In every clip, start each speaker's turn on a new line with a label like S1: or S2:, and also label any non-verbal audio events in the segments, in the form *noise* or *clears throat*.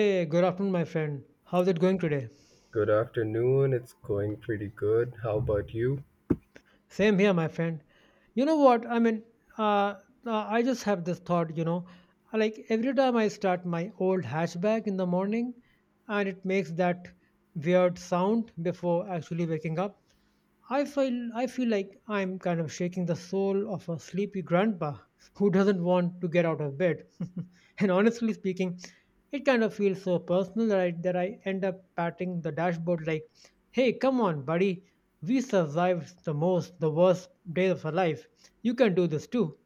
S1: Hey, good afternoon, my friend. How's it going today?
S2: Good afternoon. It's going pretty good. How about you?
S1: Same here, my friend. You know what? I mean, uh, I just have this thought, like every time I start my old hatchback in the morning and it makes that weird sound before actually waking up, I feel like I'm kind of shaking the soul of a sleepy grandpa who doesn't want to get out of bed. *laughs* And honestly speaking, it kind of feels so personal that I end up patting the dashboard like, "Hey, come on, buddy. We survived the worst days of our life. You can do this too."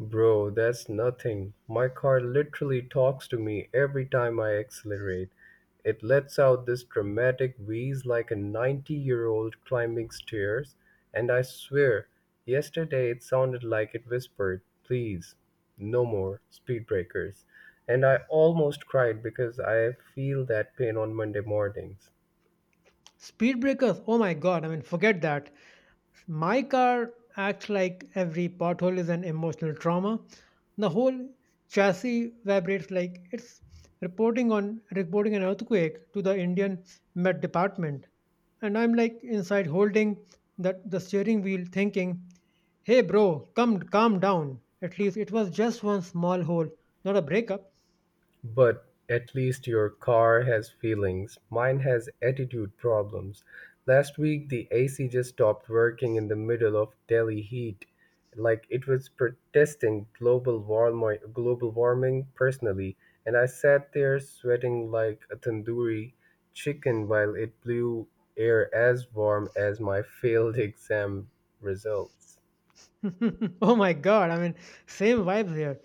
S2: Bro, that's nothing. My car literally talks to me every time I accelerate. It lets out this dramatic wheeze like a 90-year-old year old climbing stairs, and I swear, yesterday it sounded like it whispered, Please, no more speed breakers. And I almost cried because I feel that pain on Monday mornings.
S1: Speed breakers, oh my god, I mean, forget that. My car acts like every pothole is an emotional trauma. The whole chassis vibrates like it's reporting an earthquake to the Indian Met Department. And I'm like inside holding that the steering wheel thinking, "Hey bro, come calm down. At least it was just one small hole, not a breakup."
S2: But at least your car has feelings. Mine has attitude problems. Last week the AC just stopped working in the middle of Delhi heat, like it was protesting global warming personally, and I sat there sweating like a tandoori chicken while it blew air as warm as my failed *laughs* exam results.
S1: *laughs* Oh my god, I mean, same vibes here.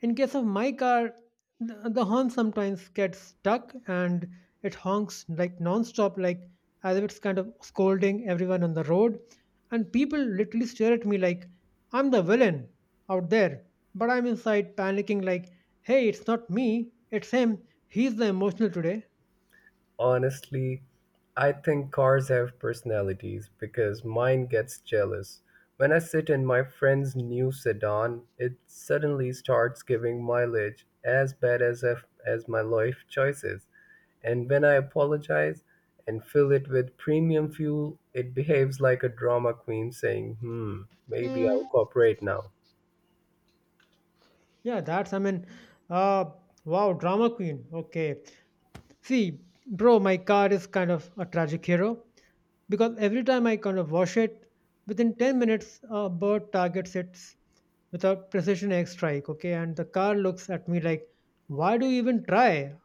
S1: In case of my car, the horn sometimes gets stuck and it honks like non-stop, like as if it's kind of scolding everyone on the road. And people literally stare at me like I'm the villain out there, but I'm inside panicking like, "Hey, it's not me, it's him. He's the emotional today."
S2: Honestly, I think cars have personalities because mine gets jealous. When I sit in my friend's new sedan, it suddenly starts giving mileage as bad as if, as my life choices. And when I apologize and fill it with premium fuel, it behaves like a drama queen saying, "Hmm, maybe I'll cooperate now."
S1: Yeah, that's, I mean, uh, wow, drama queen. Okay. See, bro, my car is kind of a tragic hero because every time I kind of wash it, within 10 minutes, a bird targets it with a precision air strike, okay? And the car looks at me like, "Why do you even try?"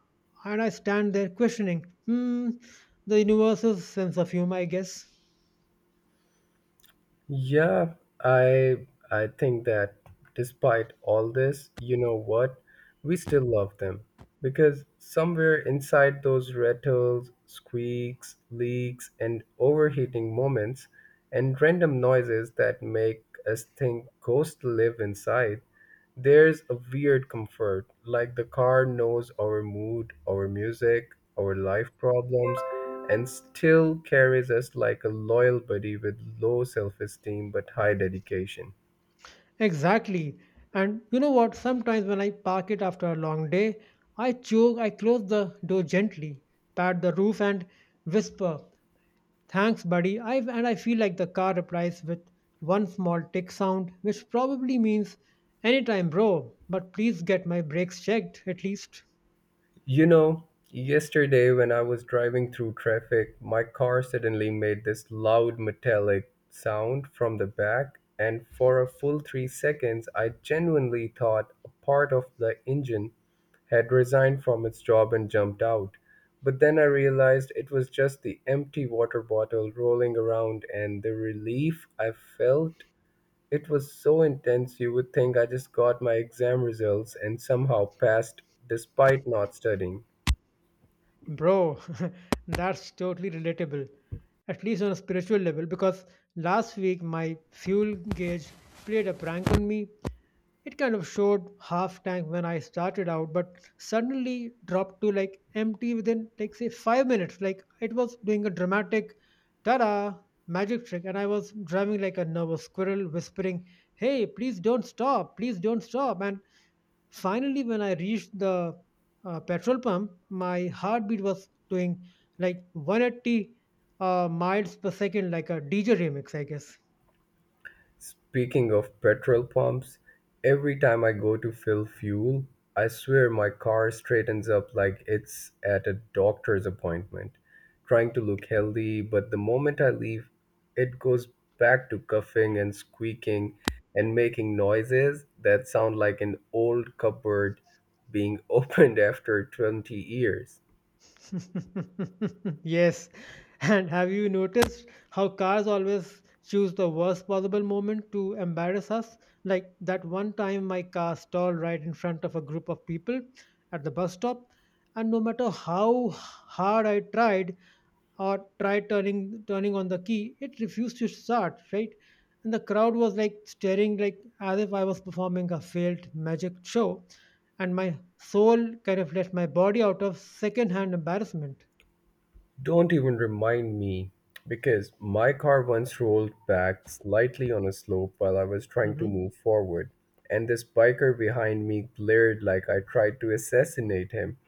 S1: And I stand there questioning, hmm, the universe's sense of humor, I guess.
S2: Yeah, I think that despite all this, you know what? We still love them because somewhere inside those rattles, squeaks, leaks, and overheating moments and random noises that make us think ghosts live inside, there's a weird comfort, like the car knows our mood, our music, our life problems, and still carries us like a loyal buddy with low self esteem but high dedication.
S1: Exactly. And you know what? Sometimes when I park it after a long day, I close the door gently, pat the roof, and whisper, "Thanks, buddy." I and I feel like the car replies with one small tick sound, which probably means anytime, bro. But please get my brakes checked at least.
S2: You know, yesterday when I was driving through traffic, my car suddenly made this loud metallic sound from the back, and for a full 3 seconds, I genuinely thought a part of the engine had resigned from its job and jumped out. But then I realized it was just the empty water bottle rolling around, and the relief I felt it was so intense you would think I just got my exam results and somehow passed despite not studying.
S1: Bro, *laughs* that's totally relatable, at least on a spiritual level, because last week my fuel gauge played a prank on me. It kind of showed half tank when I started out, but suddenly dropped to like empty within, like, say, 5 minutes. Like, it was doing a dramatic ta da magic trick, and I was driving like a nervous squirrel, whispering, "Hey, please don't stop, please don't stop." And finally, when I reached the petrol pump, my heartbeat was doing like 180 miles per second, like a DJ remix, I guess.
S2: Speaking of petrol pumps, every time I go to fill fuel, I swear my car straightens up like it's at a doctor's appointment, trying to look healthy, but the moment I leave, it goes back to coughing and squeaking and making noises that sound like an old cupboard being *laughs* opened after 20 years.
S1: *laughs* Yes. And have you noticed how cars always choose the worst possible moment to embarrass us? Like that one time my car stalled right in front of a group of people at the bus stop, and no matter how hard I tried, or try turning on the key, it refused to start, right? And the crowd was like staring like as if I was performing a failed magic show, and my soul kind of left my body out of second-hand embarrassment.
S2: Don't even remind me, because my car once rolled back slightly on a slope while I was trying to
S1: Mhm.
S2: move forward, and this biker behind me glared like I tried to assassinate him,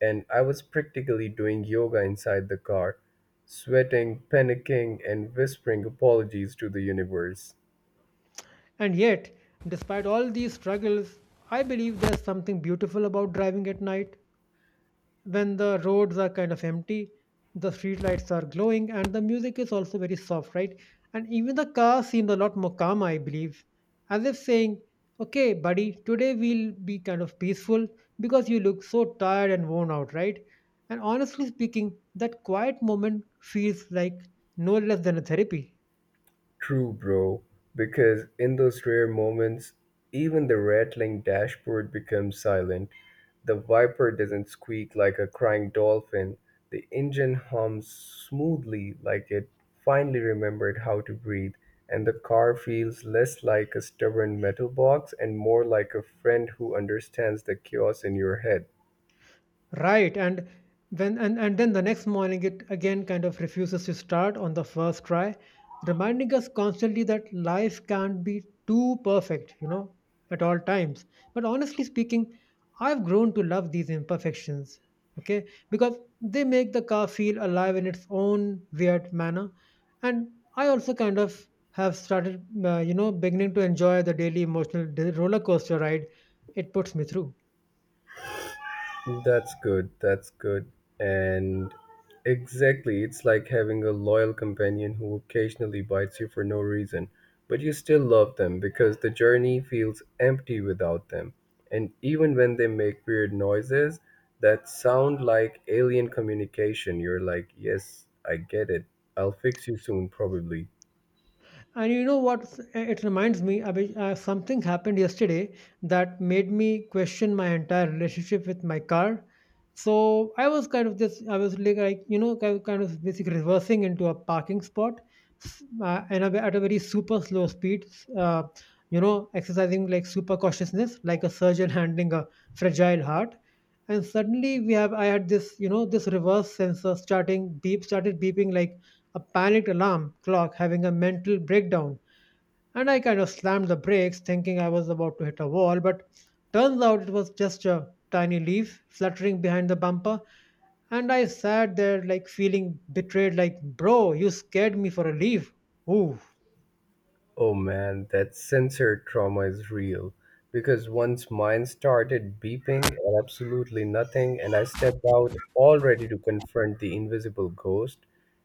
S2: and I was practically doing yoga inside the car, sweating, panicking, and whispering apologies to the universe.
S1: And yet, despite all these struggles, I believe there's something beautiful about driving at night, when the roads are kind of empty, the streetlights are glowing, and the music is also very soft, right? And even the car seemed a lot more calm, I believe, as if saying, "Okay buddy, today we'll be kind of peaceful because you look so tired and worn out," right? And honestly speaking, that quiet moment feels like no less than a therapy.
S2: True, bro, because in those rare moments, even the rattling dashboard becomes silent. The Viper doesn't squeak like a crying dolphin. The engine hums smoothly like it finally remembered how to breathe, and the car feels less like a stubborn metal box and more like a friend who understands the chaos in your head.
S1: Right, and then the next morning it again kind of refuses to start on the first try, reminding us constantly that life can't be too perfect, you know, at all times. But honestly speaking, I've grown to love these imperfections, okay? Because they make the car feel alive in its own weird manner. And I also kind of have started, beginning to enjoy the daily emotional roller coaster ride it puts me through.
S2: That's good. That's good. And exactly, it's like having a loyal companion who occasionally bites you for no reason, but you still love them because the journey feels empty without them. And even when they make weird noises that sound like alien communication, you're like, yes, I get it. I'll fix you soon, probably.
S1: And you know what? It reminds me, Abhi, something happened yesterday that made me question my entire relationship with my car. So I was I was like, kind of basically reversing into a parking spot at a very super slow speed, uh, exercising like super cautiousness, like a surgeon *laughs* handling a fragile heart. And suddenly I had this, you know, this reverse sensor started beeping like a panicked alarm clock having a mental breakdown, and I kind of slammed the brakes thinking I was about to hit a wall, but turns out it was just a tiny leaf fluttering behind the bumper, and I sat there like feeling betrayed like, "Bro, you scared me for a leaf." Ooh.
S2: Oh man, that censored trauma is real. Because once mine started beeping at absolutely nothing, and I stepped out all ready to confront the invisible ghost,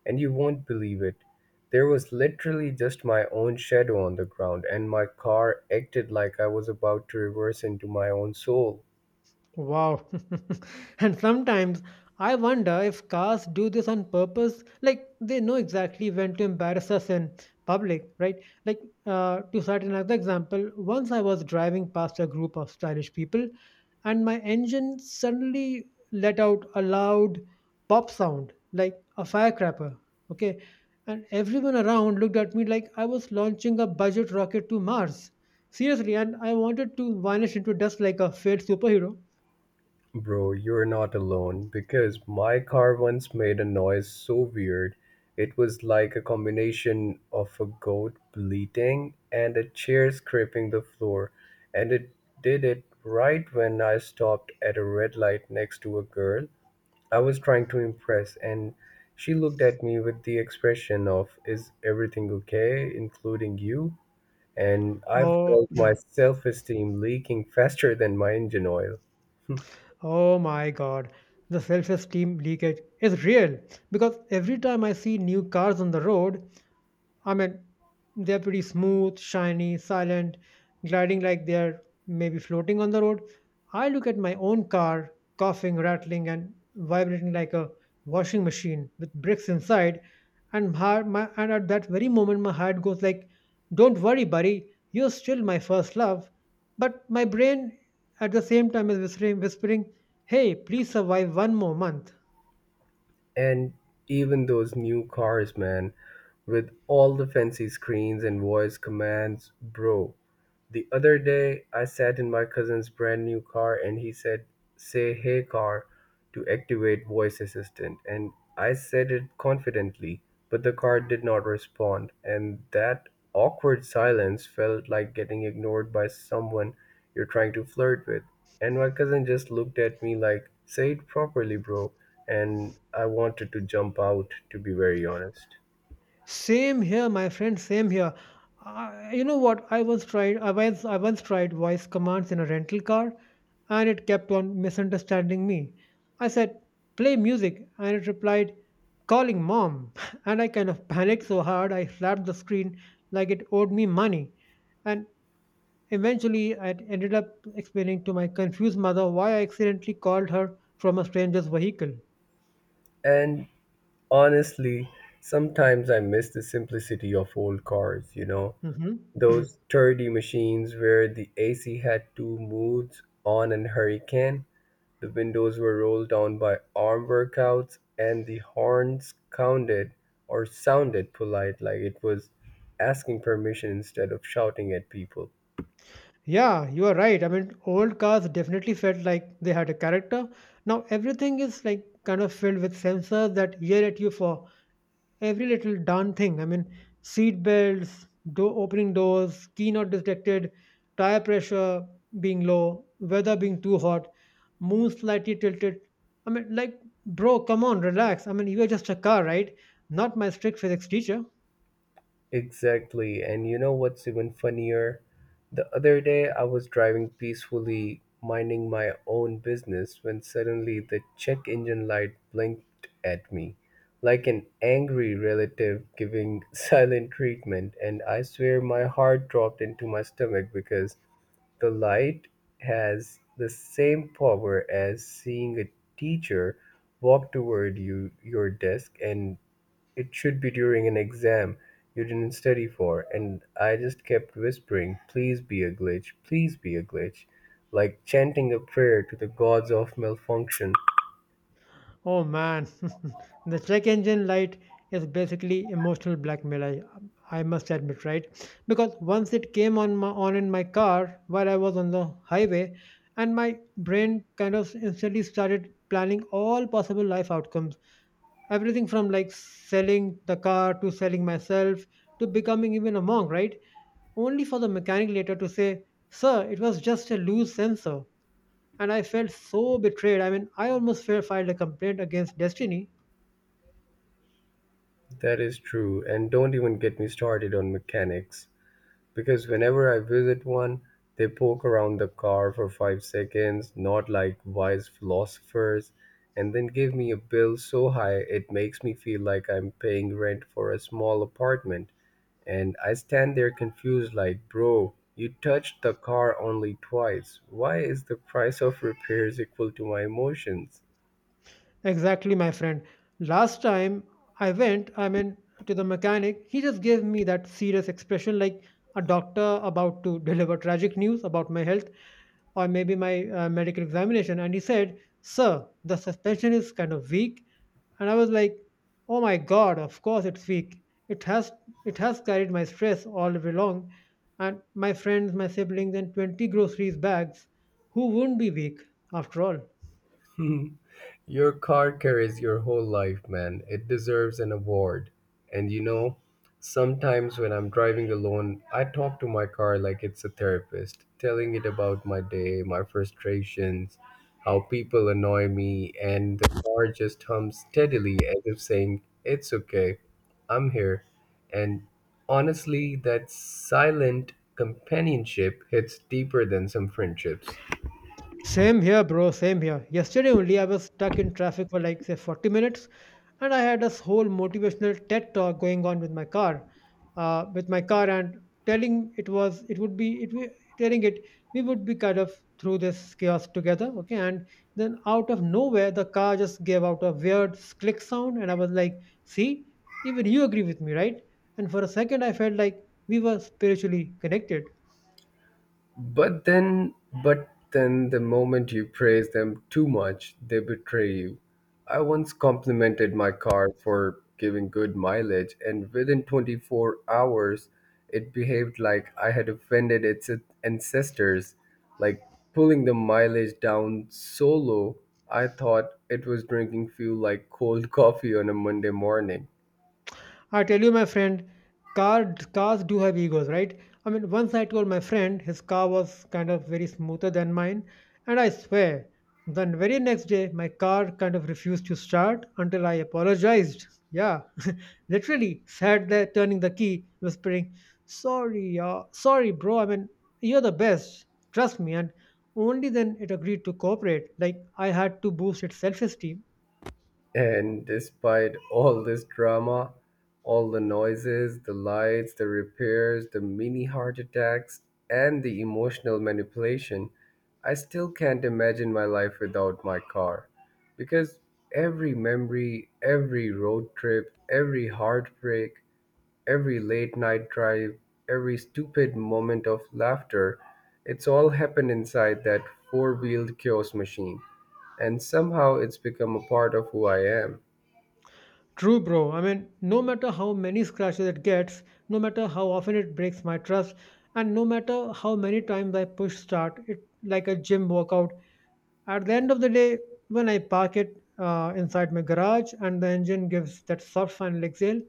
S2: and you won't believe it. There was literally just my own shadow on the ground, and my car acted like I was about to reverse into my own soul.
S1: Wow. *laughs* And sometimes I wonder if cars do this on purpose. Like they know exactly when to embarrass us in public, right? Like to cite another example, once I was driving past a group of stylish people and my engine suddenly let out a loud pop sound, like a firecracker. Okay. And everyone around looked at me like I was launching a budget rocket to Mars. Seriously, and I wanted to vanish into dust like a failed superhero.
S2: Bro, you're not alone because my car once made a noise so weird. It was like a combination of a goat bleating and a chair scraping the floor, and it did it right when I stopped at a red light next to a girl I was trying to impress, and she looked at me with the expression of, Is everything okay, including you? And I
S1: Oh,
S2: felt my
S1: *clears throat*
S2: self esteem leaking faster than my engine oil.
S1: oh my God. The self-esteem leakage is real because every time I see new cars on the road, I mean, they're pretty smooth, shiny, silent, gliding like they're maybe floating on the road. I look at my own car, coughing, rattling, and vibrating like a washing machine with bricks inside. And, and at that very moment, my heart goes like, "Don't worry, buddy, you're still my first love." But my brain at the same time is whispering, "Hey, please survive one more month."
S2: And even those new cars, man, with all the fancy screens and voice commands, bro. The other day, I sat in my cousin's brand new car and he said, Say hey car to activate voice assistant. And I said it confidently, but the car did not respond. And that awkward silence felt like getting ignored by someone you're trying to flirt with. And my cousin just looked at me like, Say it properly, bro. And I wanted to jump out, to be very honest.
S1: Same here, my friend. Same here. You know what? I once tried. I once tried voice commands in a rental car, and it kept on misunderstanding me. I said, "Play music," and it replied, "Calling mom." *laughs* And I kind of panicked so hard I slapped the screen like it owed me money. And eventually, I ended up explaining to my confused mother why I accidentally called her from a stranger's vehicle.
S2: And honestly, sometimes I miss the simplicity of old cars, you know,
S1: Hmm.
S2: those sturdy machines where the AC had two moods on and hurricane, the windows were rolled down by arm workouts, and the horns counted or sounded polite like it was asking permission instead of shouting at people.
S1: Yeah, you are right. I mean, old cars definitely felt like they had a character. Now everything is like kind of filled with sensors that yell at you for every little darn thing. I mean, seat belts, doors, key not detected, tire pressure being low, weather being too hot, moon slightly tilted. I mean, like, bro, come on, relax. I mean, you are just a car, right? Not my strict physics teacher.
S2: Exactly. And you know what's even funnier? The other day I was driving peacefully, minding my own business, when suddenly the check engine light blinked at me like an angry relative giving *laughs* silent treatment. And I swear my heart dropped into my stomach because the light has the same power as seeing a teacher walk toward you your desk and it should be during an exam you didn't study for and I just kept whispering, please be a glitch, please be a glitch, like chanting a prayer to the gods of malfunction.
S1: Oh man, *laughs* the check engine light is basically emotional blackmail. I must admit, right? Because once it came on in my car while I was on the highway, and my brain kind of instantly started planning all possible life outcomes. Everything from like selling the car to selling myself to becoming even a monk, right? Only for the mechanic later to say, "Sir, it was just a loose sensor." And I felt so betrayed. I mean, I almost filed a complaint against Destiny.
S2: That is true and don't even get me started on mechanics. Because whenever I visit one, they poke around the car for 5 seconds, not like wise philosophers, and then give me a bill so high it makes me feel like I'm paying rent for a small apartment. And I stand there confused, like, bro, you touched the car only twice. Why is the price of repairs equal to my emotions?
S1: Exactly, my friend. Last time I went, I mean, to the mechanic, he just gave me that serious expression like a doctor about to deliver tragic news about my health, or maybe my medical examination. And he said, "Sir, the suspension is kind of weak." And I was like, "Oh my God, of course it's weak. It has, it has carried my stress all the way long. And my friends, my siblings, and 20 groceries bags. Who wouldn't be weak after all?"
S2: *laughs* Your car carries your whole life, man. It deserves an award. And you know, sometimes when I'm driving alone, I talk to my car like it's a therapist, telling it about my day, my frustrations, how people annoy me, and the car just hums steadily as if saying, It's okay, I'm here. And honestly, that silent companionship hits deeper than some friendships.
S1: Same here, bro. Same here. Yesterday only, I was stuck in traffic for like, say, 40 minutes, and I had this whole motivational TED talk going on with my car, and it we telling it, we would be kind of through this chaos together, okay? And then out of nowhere, the car just gave out a weird click sound, and I was like, "See, even you agree with me, right?" And for a second, I felt like we were spiritually connected.
S2: But then, but then, the moment you praise them too much, they betray you. I once complimented my car for giving good mileage, and within 24 hours, it behaved like I had offended its ancestors, like pulling the mileage down so low, I thought it was drinking fuel like cold *laughs* coffee on a Monday morning.
S1: I tell you, my friend, cars do have egos, right? I mean, once I told my friend his car was kind of very smoother than mine, and I swear, the very next day, my car kind of refused to start until I apologized. Yeah, *laughs* literally sat there turning the key, whispering, "Sorry, sorry, bro. I mean, you're the best. Trust me." And only then it agreed to cooperate. Like, I had to boost its self esteem.
S2: And despite all this drama, all the noises, the lights, the repairs, the mini heart attacks, and the emotional manipulation, I still can't imagine my life without my car. Because every memory, every road trip, every heartbreak, every late night drive, every stupid moment of laughter, it's all happened inside that four wheeled kiosk machine. And somehow it's become a part of who I am.
S1: True, bro. I mean, no matter how many scratches it gets, no matter how often it breaks my trust, and no matter how many times I push start, it like a gym workout. At the end of the day, when I park it inside my garage and the engine gives that soft final exhale,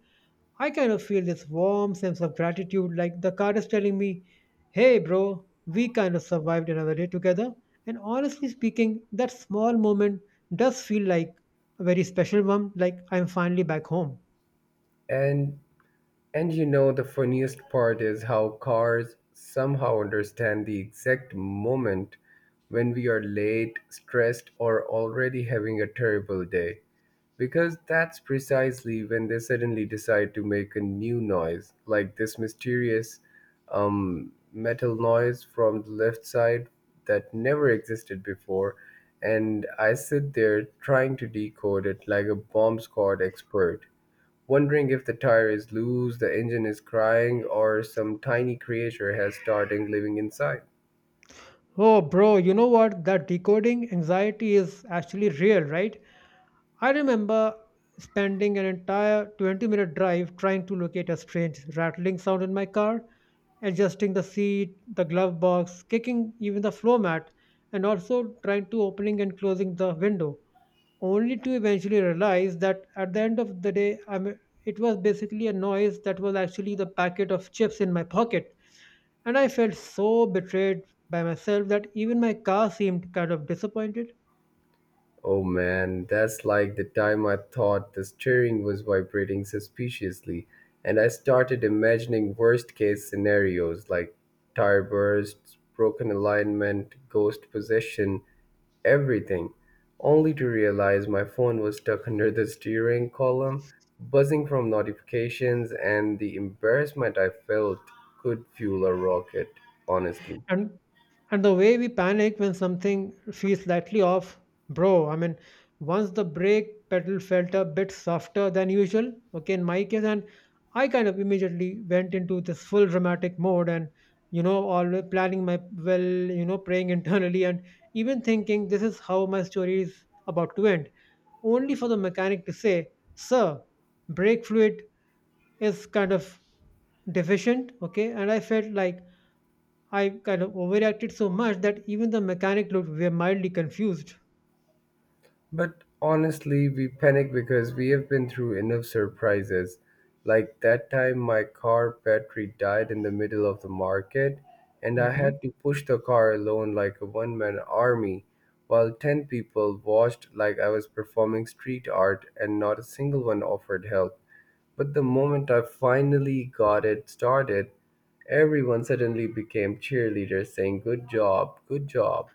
S1: I kind of feel this warm sense of gratitude, like the car is telling me, "Hey, bro, we kind of survived another day together." And honestly speaking, that small moment does feel like a very special one, like I'm finally back home.
S2: And and you know the funniest part is how cars somehow understand the exact moment when we are late, stressed, or already having a terrible day. Because that's precisely when they suddenly decide to make a new noise, like this mysterious metal noise from the left side that never existed before. And I sit there trying to decode it like a bomb squad expert wondering if the tire is loose, the engine is crying, or some tiny creature has started living inside.
S1: Oh, bro, you know what? That decoding anxiety is actually real, right? I remember spending an entire 20-minute minute drive trying to locate a strange rattling sound in my car, adjusting the seat, the glove box, kicking even the floor mat, and also trying to opening and closing the window, only to eventually realize that at the end of the day, I mean, it was basically a noise that was actually the packet of chips in my pocket. And I felt so betrayed by myself that even my car seemed kind of disappointed.
S2: Oh man, that's like the time I thought the steering was vibrating suspiciously, and I started imagining worst case scenarios like tire bursts, broken alignment, ghost possession, everything, only to realize my phone was stuck under the steering column, buzzing from notifications and the embarrassment I felt could fuel a rocket, honestly.
S1: And and the way we panic when something feels slightly off, bro. I mean, once the brake pedal felt a bit softer than usual, okay, in my case, and I kind of immediately went into this full dramatic mode and you know, always planning my well, you know, praying *laughs* internally and even thinking this is how my story is about to end, only for the mechanic to say, "Sir, brake fluid is kind of deficient." Okay, and I felt like I kind of overreacted so much that even the mechanic looked were mildly confused.
S2: But honestly, we panic because we have been through enough surprises. Like that time, my car battery died in the middle of the market, and I
S1: Hmm.
S2: had to push the car alone like a one man army, while 10 people watched like I was performing street art, and not a single one offered help. But the moment I finally got it started, everyone suddenly became cheerleaders saying, Good job, good job.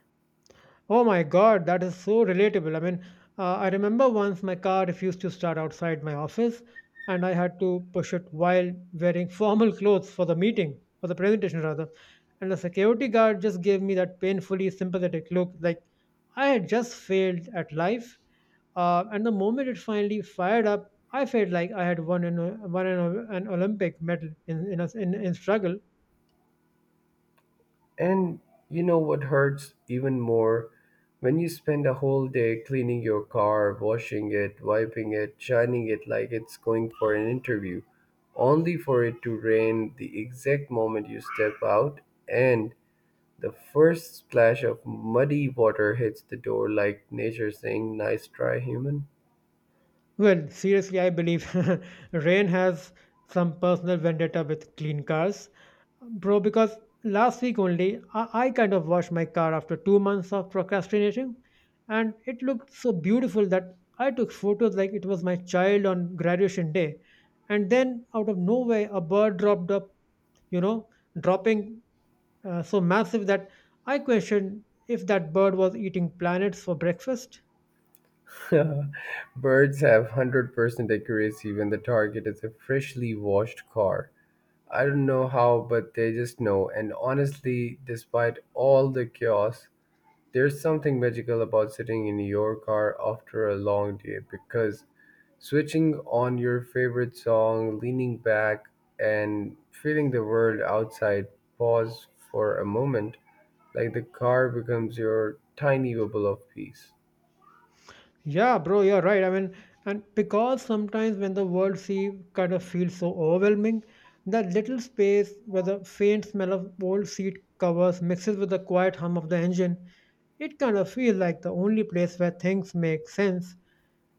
S1: Oh my God, that is so relatable. I mean, I remember once my car refused to start outside my office, and I had to push it while wearing *laughs* formal clothes for the meeting, for the presentation rather. And the security guard just gave me that painfully sympathetic look, like I had just failed at life. And the moment it finally fired up, I felt like I had won an Olympic medal in struggle.
S2: And you know what hurts even more? When you spend a whole day cleaning your car, washing it, wiping it, shining it like it's going for an interview, only for it to rain the exact moment you step out, and the first splash of muddy water hits the door like nature saying, Nice try, human.
S1: Well, seriously, I believe *laughs* rain has some personal vendetta with clean cars. Bro, because last week only, I kind of washed my car after 2 months of procrastinating, and it looked so beautiful that I took photos like it was my child on graduation day. And then, out of nowhere, a bird dropped up, you know, dropping so massive that I questioned if that bird was eating planets for breakfast.
S2: *laughs* Birds have 100% accuracy when the target is a freshly washed car. I don't know how, but they just know. And honestly, despite all the chaos, there's something magical about sitting in your car after a long day because switching on your favorite song, leaning back, and feeling the world outside pause for a moment, like the car becomes your tiny bubble of peace.
S1: Yeah, bro, you're right. I mean, and because sometimes when the world sea kind of feels so overwhelming, that little space where the faint smell of old seat covers mixes with the quiet hum of the engine, it kind of feels like the only place where things make sense.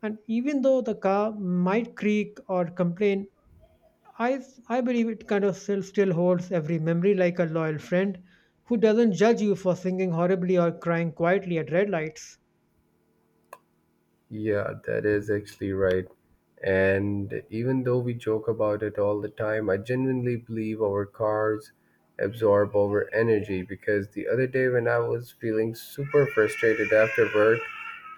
S1: And even though the car might creak or complain, I, I believe it kind of still holds every memory like a loyal friend who doesn't judge you for singing horribly or crying quietly at red lights.
S2: Yeah, that is actually right. And even though we joke about it all the time, I genuinely believe our cars absorb our energy, because the other day when I was feeling super frustrated after work,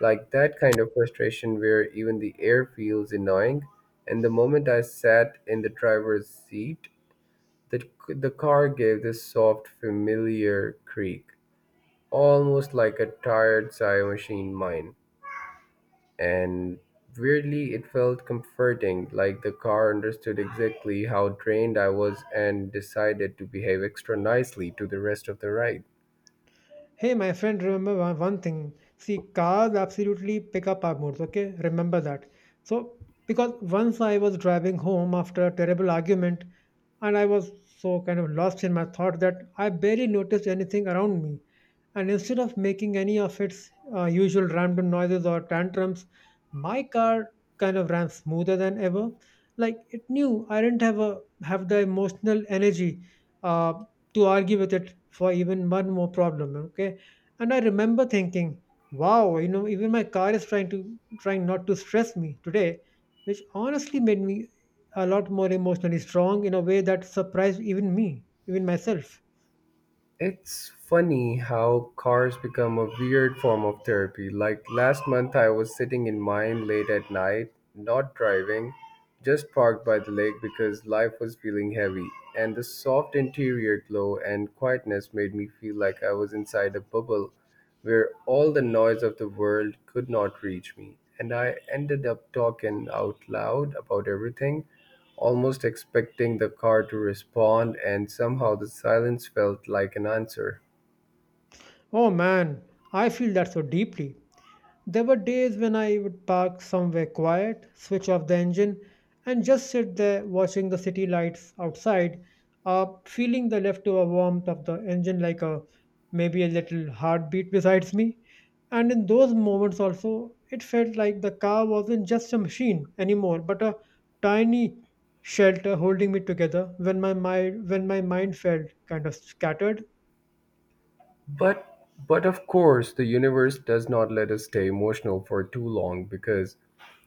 S2: like that kind of frustration where even the air feels annoying, and the moment I sat in the driver's seat, the car gave this soft, familiar creak, almost like a tired sigh machine mine, and weirdly it felt comforting, like the car understood exactly how drained I was and decided to behave extra nicely to the rest of the ride.
S1: Hey, my friend, remember one thing. See, cars absolutely pick up our moods, okay? Remember that. So, because once I was driving home after a terrible argument, and I was so kind of lost in my thought that I barely noticed anything around me and instead of making any of its usual random noises or tantrums, my car kind of ran smoother than ever. Like it knew I didn't have the emotional energy uh, to argue with it for even one more problem. Okay, and I remember thinking, "Wow, you know, even my car is trying not to stress me today," which honestly made me a lot more emotionally strong in a way that surprised even me, even myself.
S2: It's funny how cars become a weird form of therapy. Like last month, I was sitting in mine late at night, not driving, just parked by the lake because life was feeling heavy. And the soft interior glow and quietness made me feel like I was inside a bubble where all the noise of the world could not reach me. And I ended up talking out loud about everything, almost expecting the car to respond, and somehow the silence felt like an answer.
S1: Oh man, I feel that so deeply. There were days when I would park somewhere quiet, switch off the engine, and just sit there watching the city lights outside, feeling the leftover warmth of the engine like a maybe a little heartbeat besides me. And in those moments also, it felt like the car wasn't just a machine anymore, but a tiny shelter holding me together when my mind felt kind of scattered.
S2: But but of course, the universe does not let us stay emotional for too long, because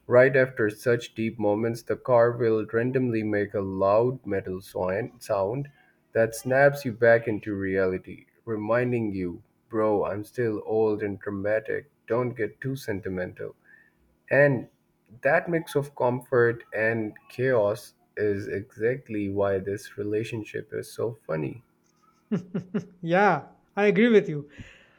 S2: right after such deep moments, the car will randomly make a loud metal sound that snaps you back into reality, reminding you, bro, I'm still old and dramatic. Don't get too sentimental. And that mix of comfort and chaos is exactly why this relationship is so funny.
S1: *laughs* Yeah, I agree with you.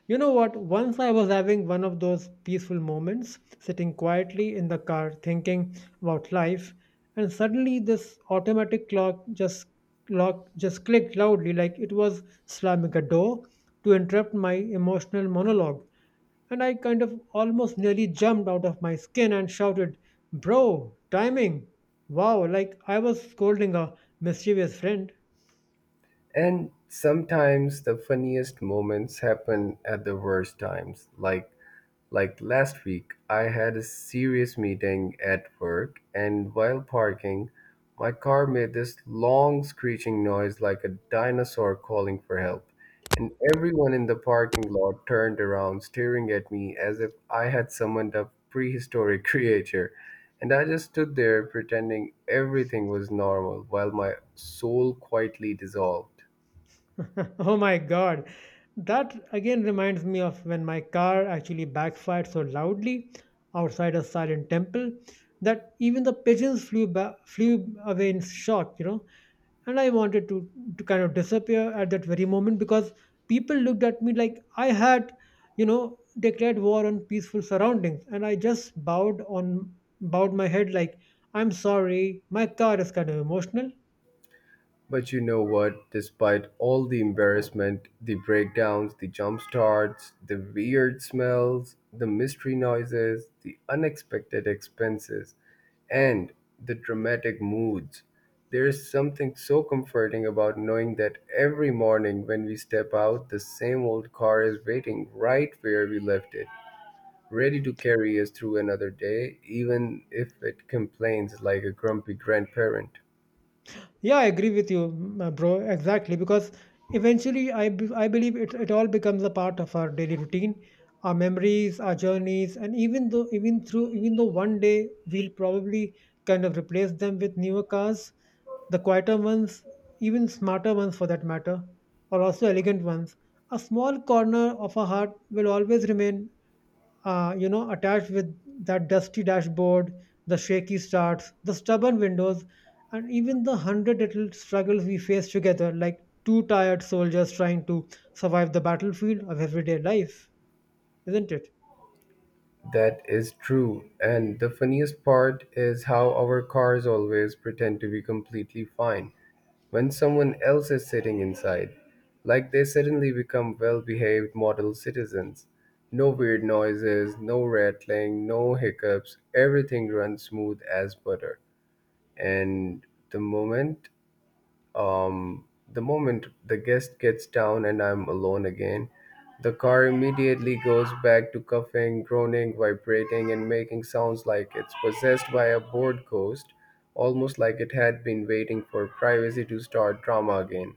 S1: You know what? Once I was having one of those peaceful moments, sitting quietly in the car thinking about life, and suddenly this automatic clock just clicked loudly like it was slamming a door to interrupt my emotional monologue. And I kind of almost nearly jumped out of my skin and shouted, "Bro, timing! Wow," like I was scolding a mischievous friend.
S2: And sometimes the funniest moments happen at the worst times, like like last week, I had a serious meeting at work, and while parking, my car made this long screeching noise like a dinosaur calling for help. And everyone in the parking lot turned around, staring at me as if I had summoned a prehistoric *laughs* creature. And I just stood there pretending everything was normal while my soul quietly dissolved.
S1: *laughs* Oh my God. That again reminds me of when my car actually backfired so loudly outside a silent temple that even the pigeons flew away in shock, you know. And I wanted to kind of disappear at that very moment because people looked at me like I had, you know, declared war on peaceful surroundings. And I just bowed my head like, "I'm sorry, my car is kind of emotional."
S2: But you know what? Despite all the embarrassment, the breakdowns, the jump starts, the weird smells, the mystery noises, the unexpected expenses, and the dramatic moods, there is something so comforting about knowing that every morning when we step out, the same old car is waiting right where we left it, ready to carry us through another day, even if it complains like a grumpy grandparent.
S1: Yeah, I agree with you, bro. Exactly, because eventually, I believe it all becomes a part of our daily routine, our memories, our journeys, and even though one day we'll probably kind of replace them with newer cars, the quieter ones, even smarter ones for that matter, or also elegant ones. A small corner of our heart will always remain you know, attached with that dusty dashboard, the shaky starts, the stubborn windows, and even the hundred little struggles we face together, like two tired soldiers trying to survive the battlefield of everyday life, isn't it?
S2: That is true. And the funniest part is how our cars always pretend to be completely fine when someone else is sitting inside. Like they suddenly become well behaved model citizens. No weird noises, no rattling, no hiccups. Everything runs smooth as butter. And the moment the moment the guest gets down and I'm alone again, the car immediately goes back to coughing, groaning, vibrating, and making sounds like it's possessed by a bored ghost, almost like it had been waiting for privacy to start drama again.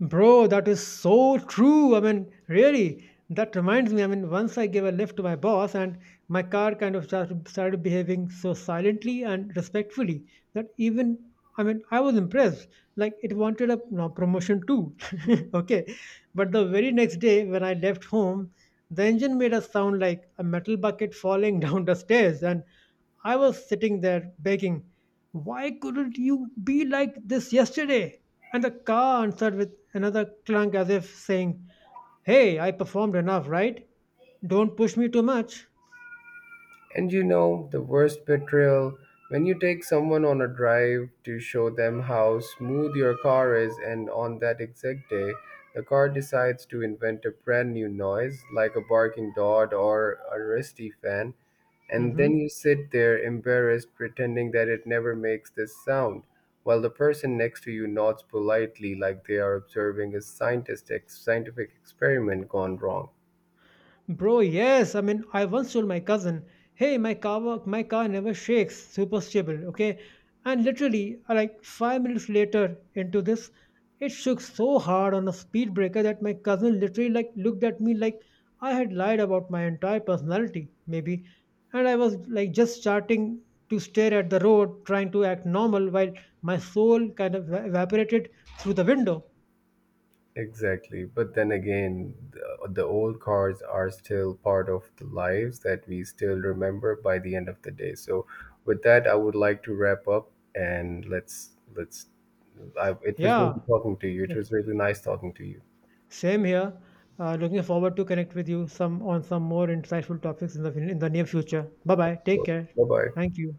S1: Bro, that is so true. I mean, really, that reminds me. I mean, once I gave a lift to my boss, and my car kind of started behaving so silently and respectfully that even I mean, I was impressed. Like, it wanted a no, promotion too. *laughs* Okay. But the very next day, when I left home, the engine made a sound like a metal bucket falling *laughs* down the stairs, and I was sitting there begging, "Why couldn't you be like this yesterday?" And the car answered with another clunk as if saying, "Hey, I performed enough, right? Don't push me too much."
S2: And you know, the worst betrayal, when you take someone on a drive to show them how smooth your car is, and on that exact day, the car decides to invent a brand new noise like a barking dog or a rusty fan, and then
S1: Hmm.
S2: you sit there embarrassed, pretending that it never makes this sound, while the person next to you nods politely like they are observing a scientific experiment gone wrong.
S1: Bro, yes. I mean, I once told my cousin, "Hey, my car, my car never shakes. Super stable, okay?" And literally, like 5 minutes later into this, it shook so hard on a speed breaker that my cousin literally like looked at me like I had lied about my entire personality, maybe. And I was like just starting to stare at the road, trying to act normal, while my soul kind of evaporated through the window.
S2: Exactly. But then again, the old cars are still part of the lives that we still remember by the end of the day. So with that, I would like to wrap up and let's it was really
S1: Yeah.
S2: talking to you. It was really nice talking to you.
S1: Same here. Looking forward to connect with you some on some more insightful topics in the near future. Bye bye. Take care.
S2: Bye-bye.
S1: Thank you.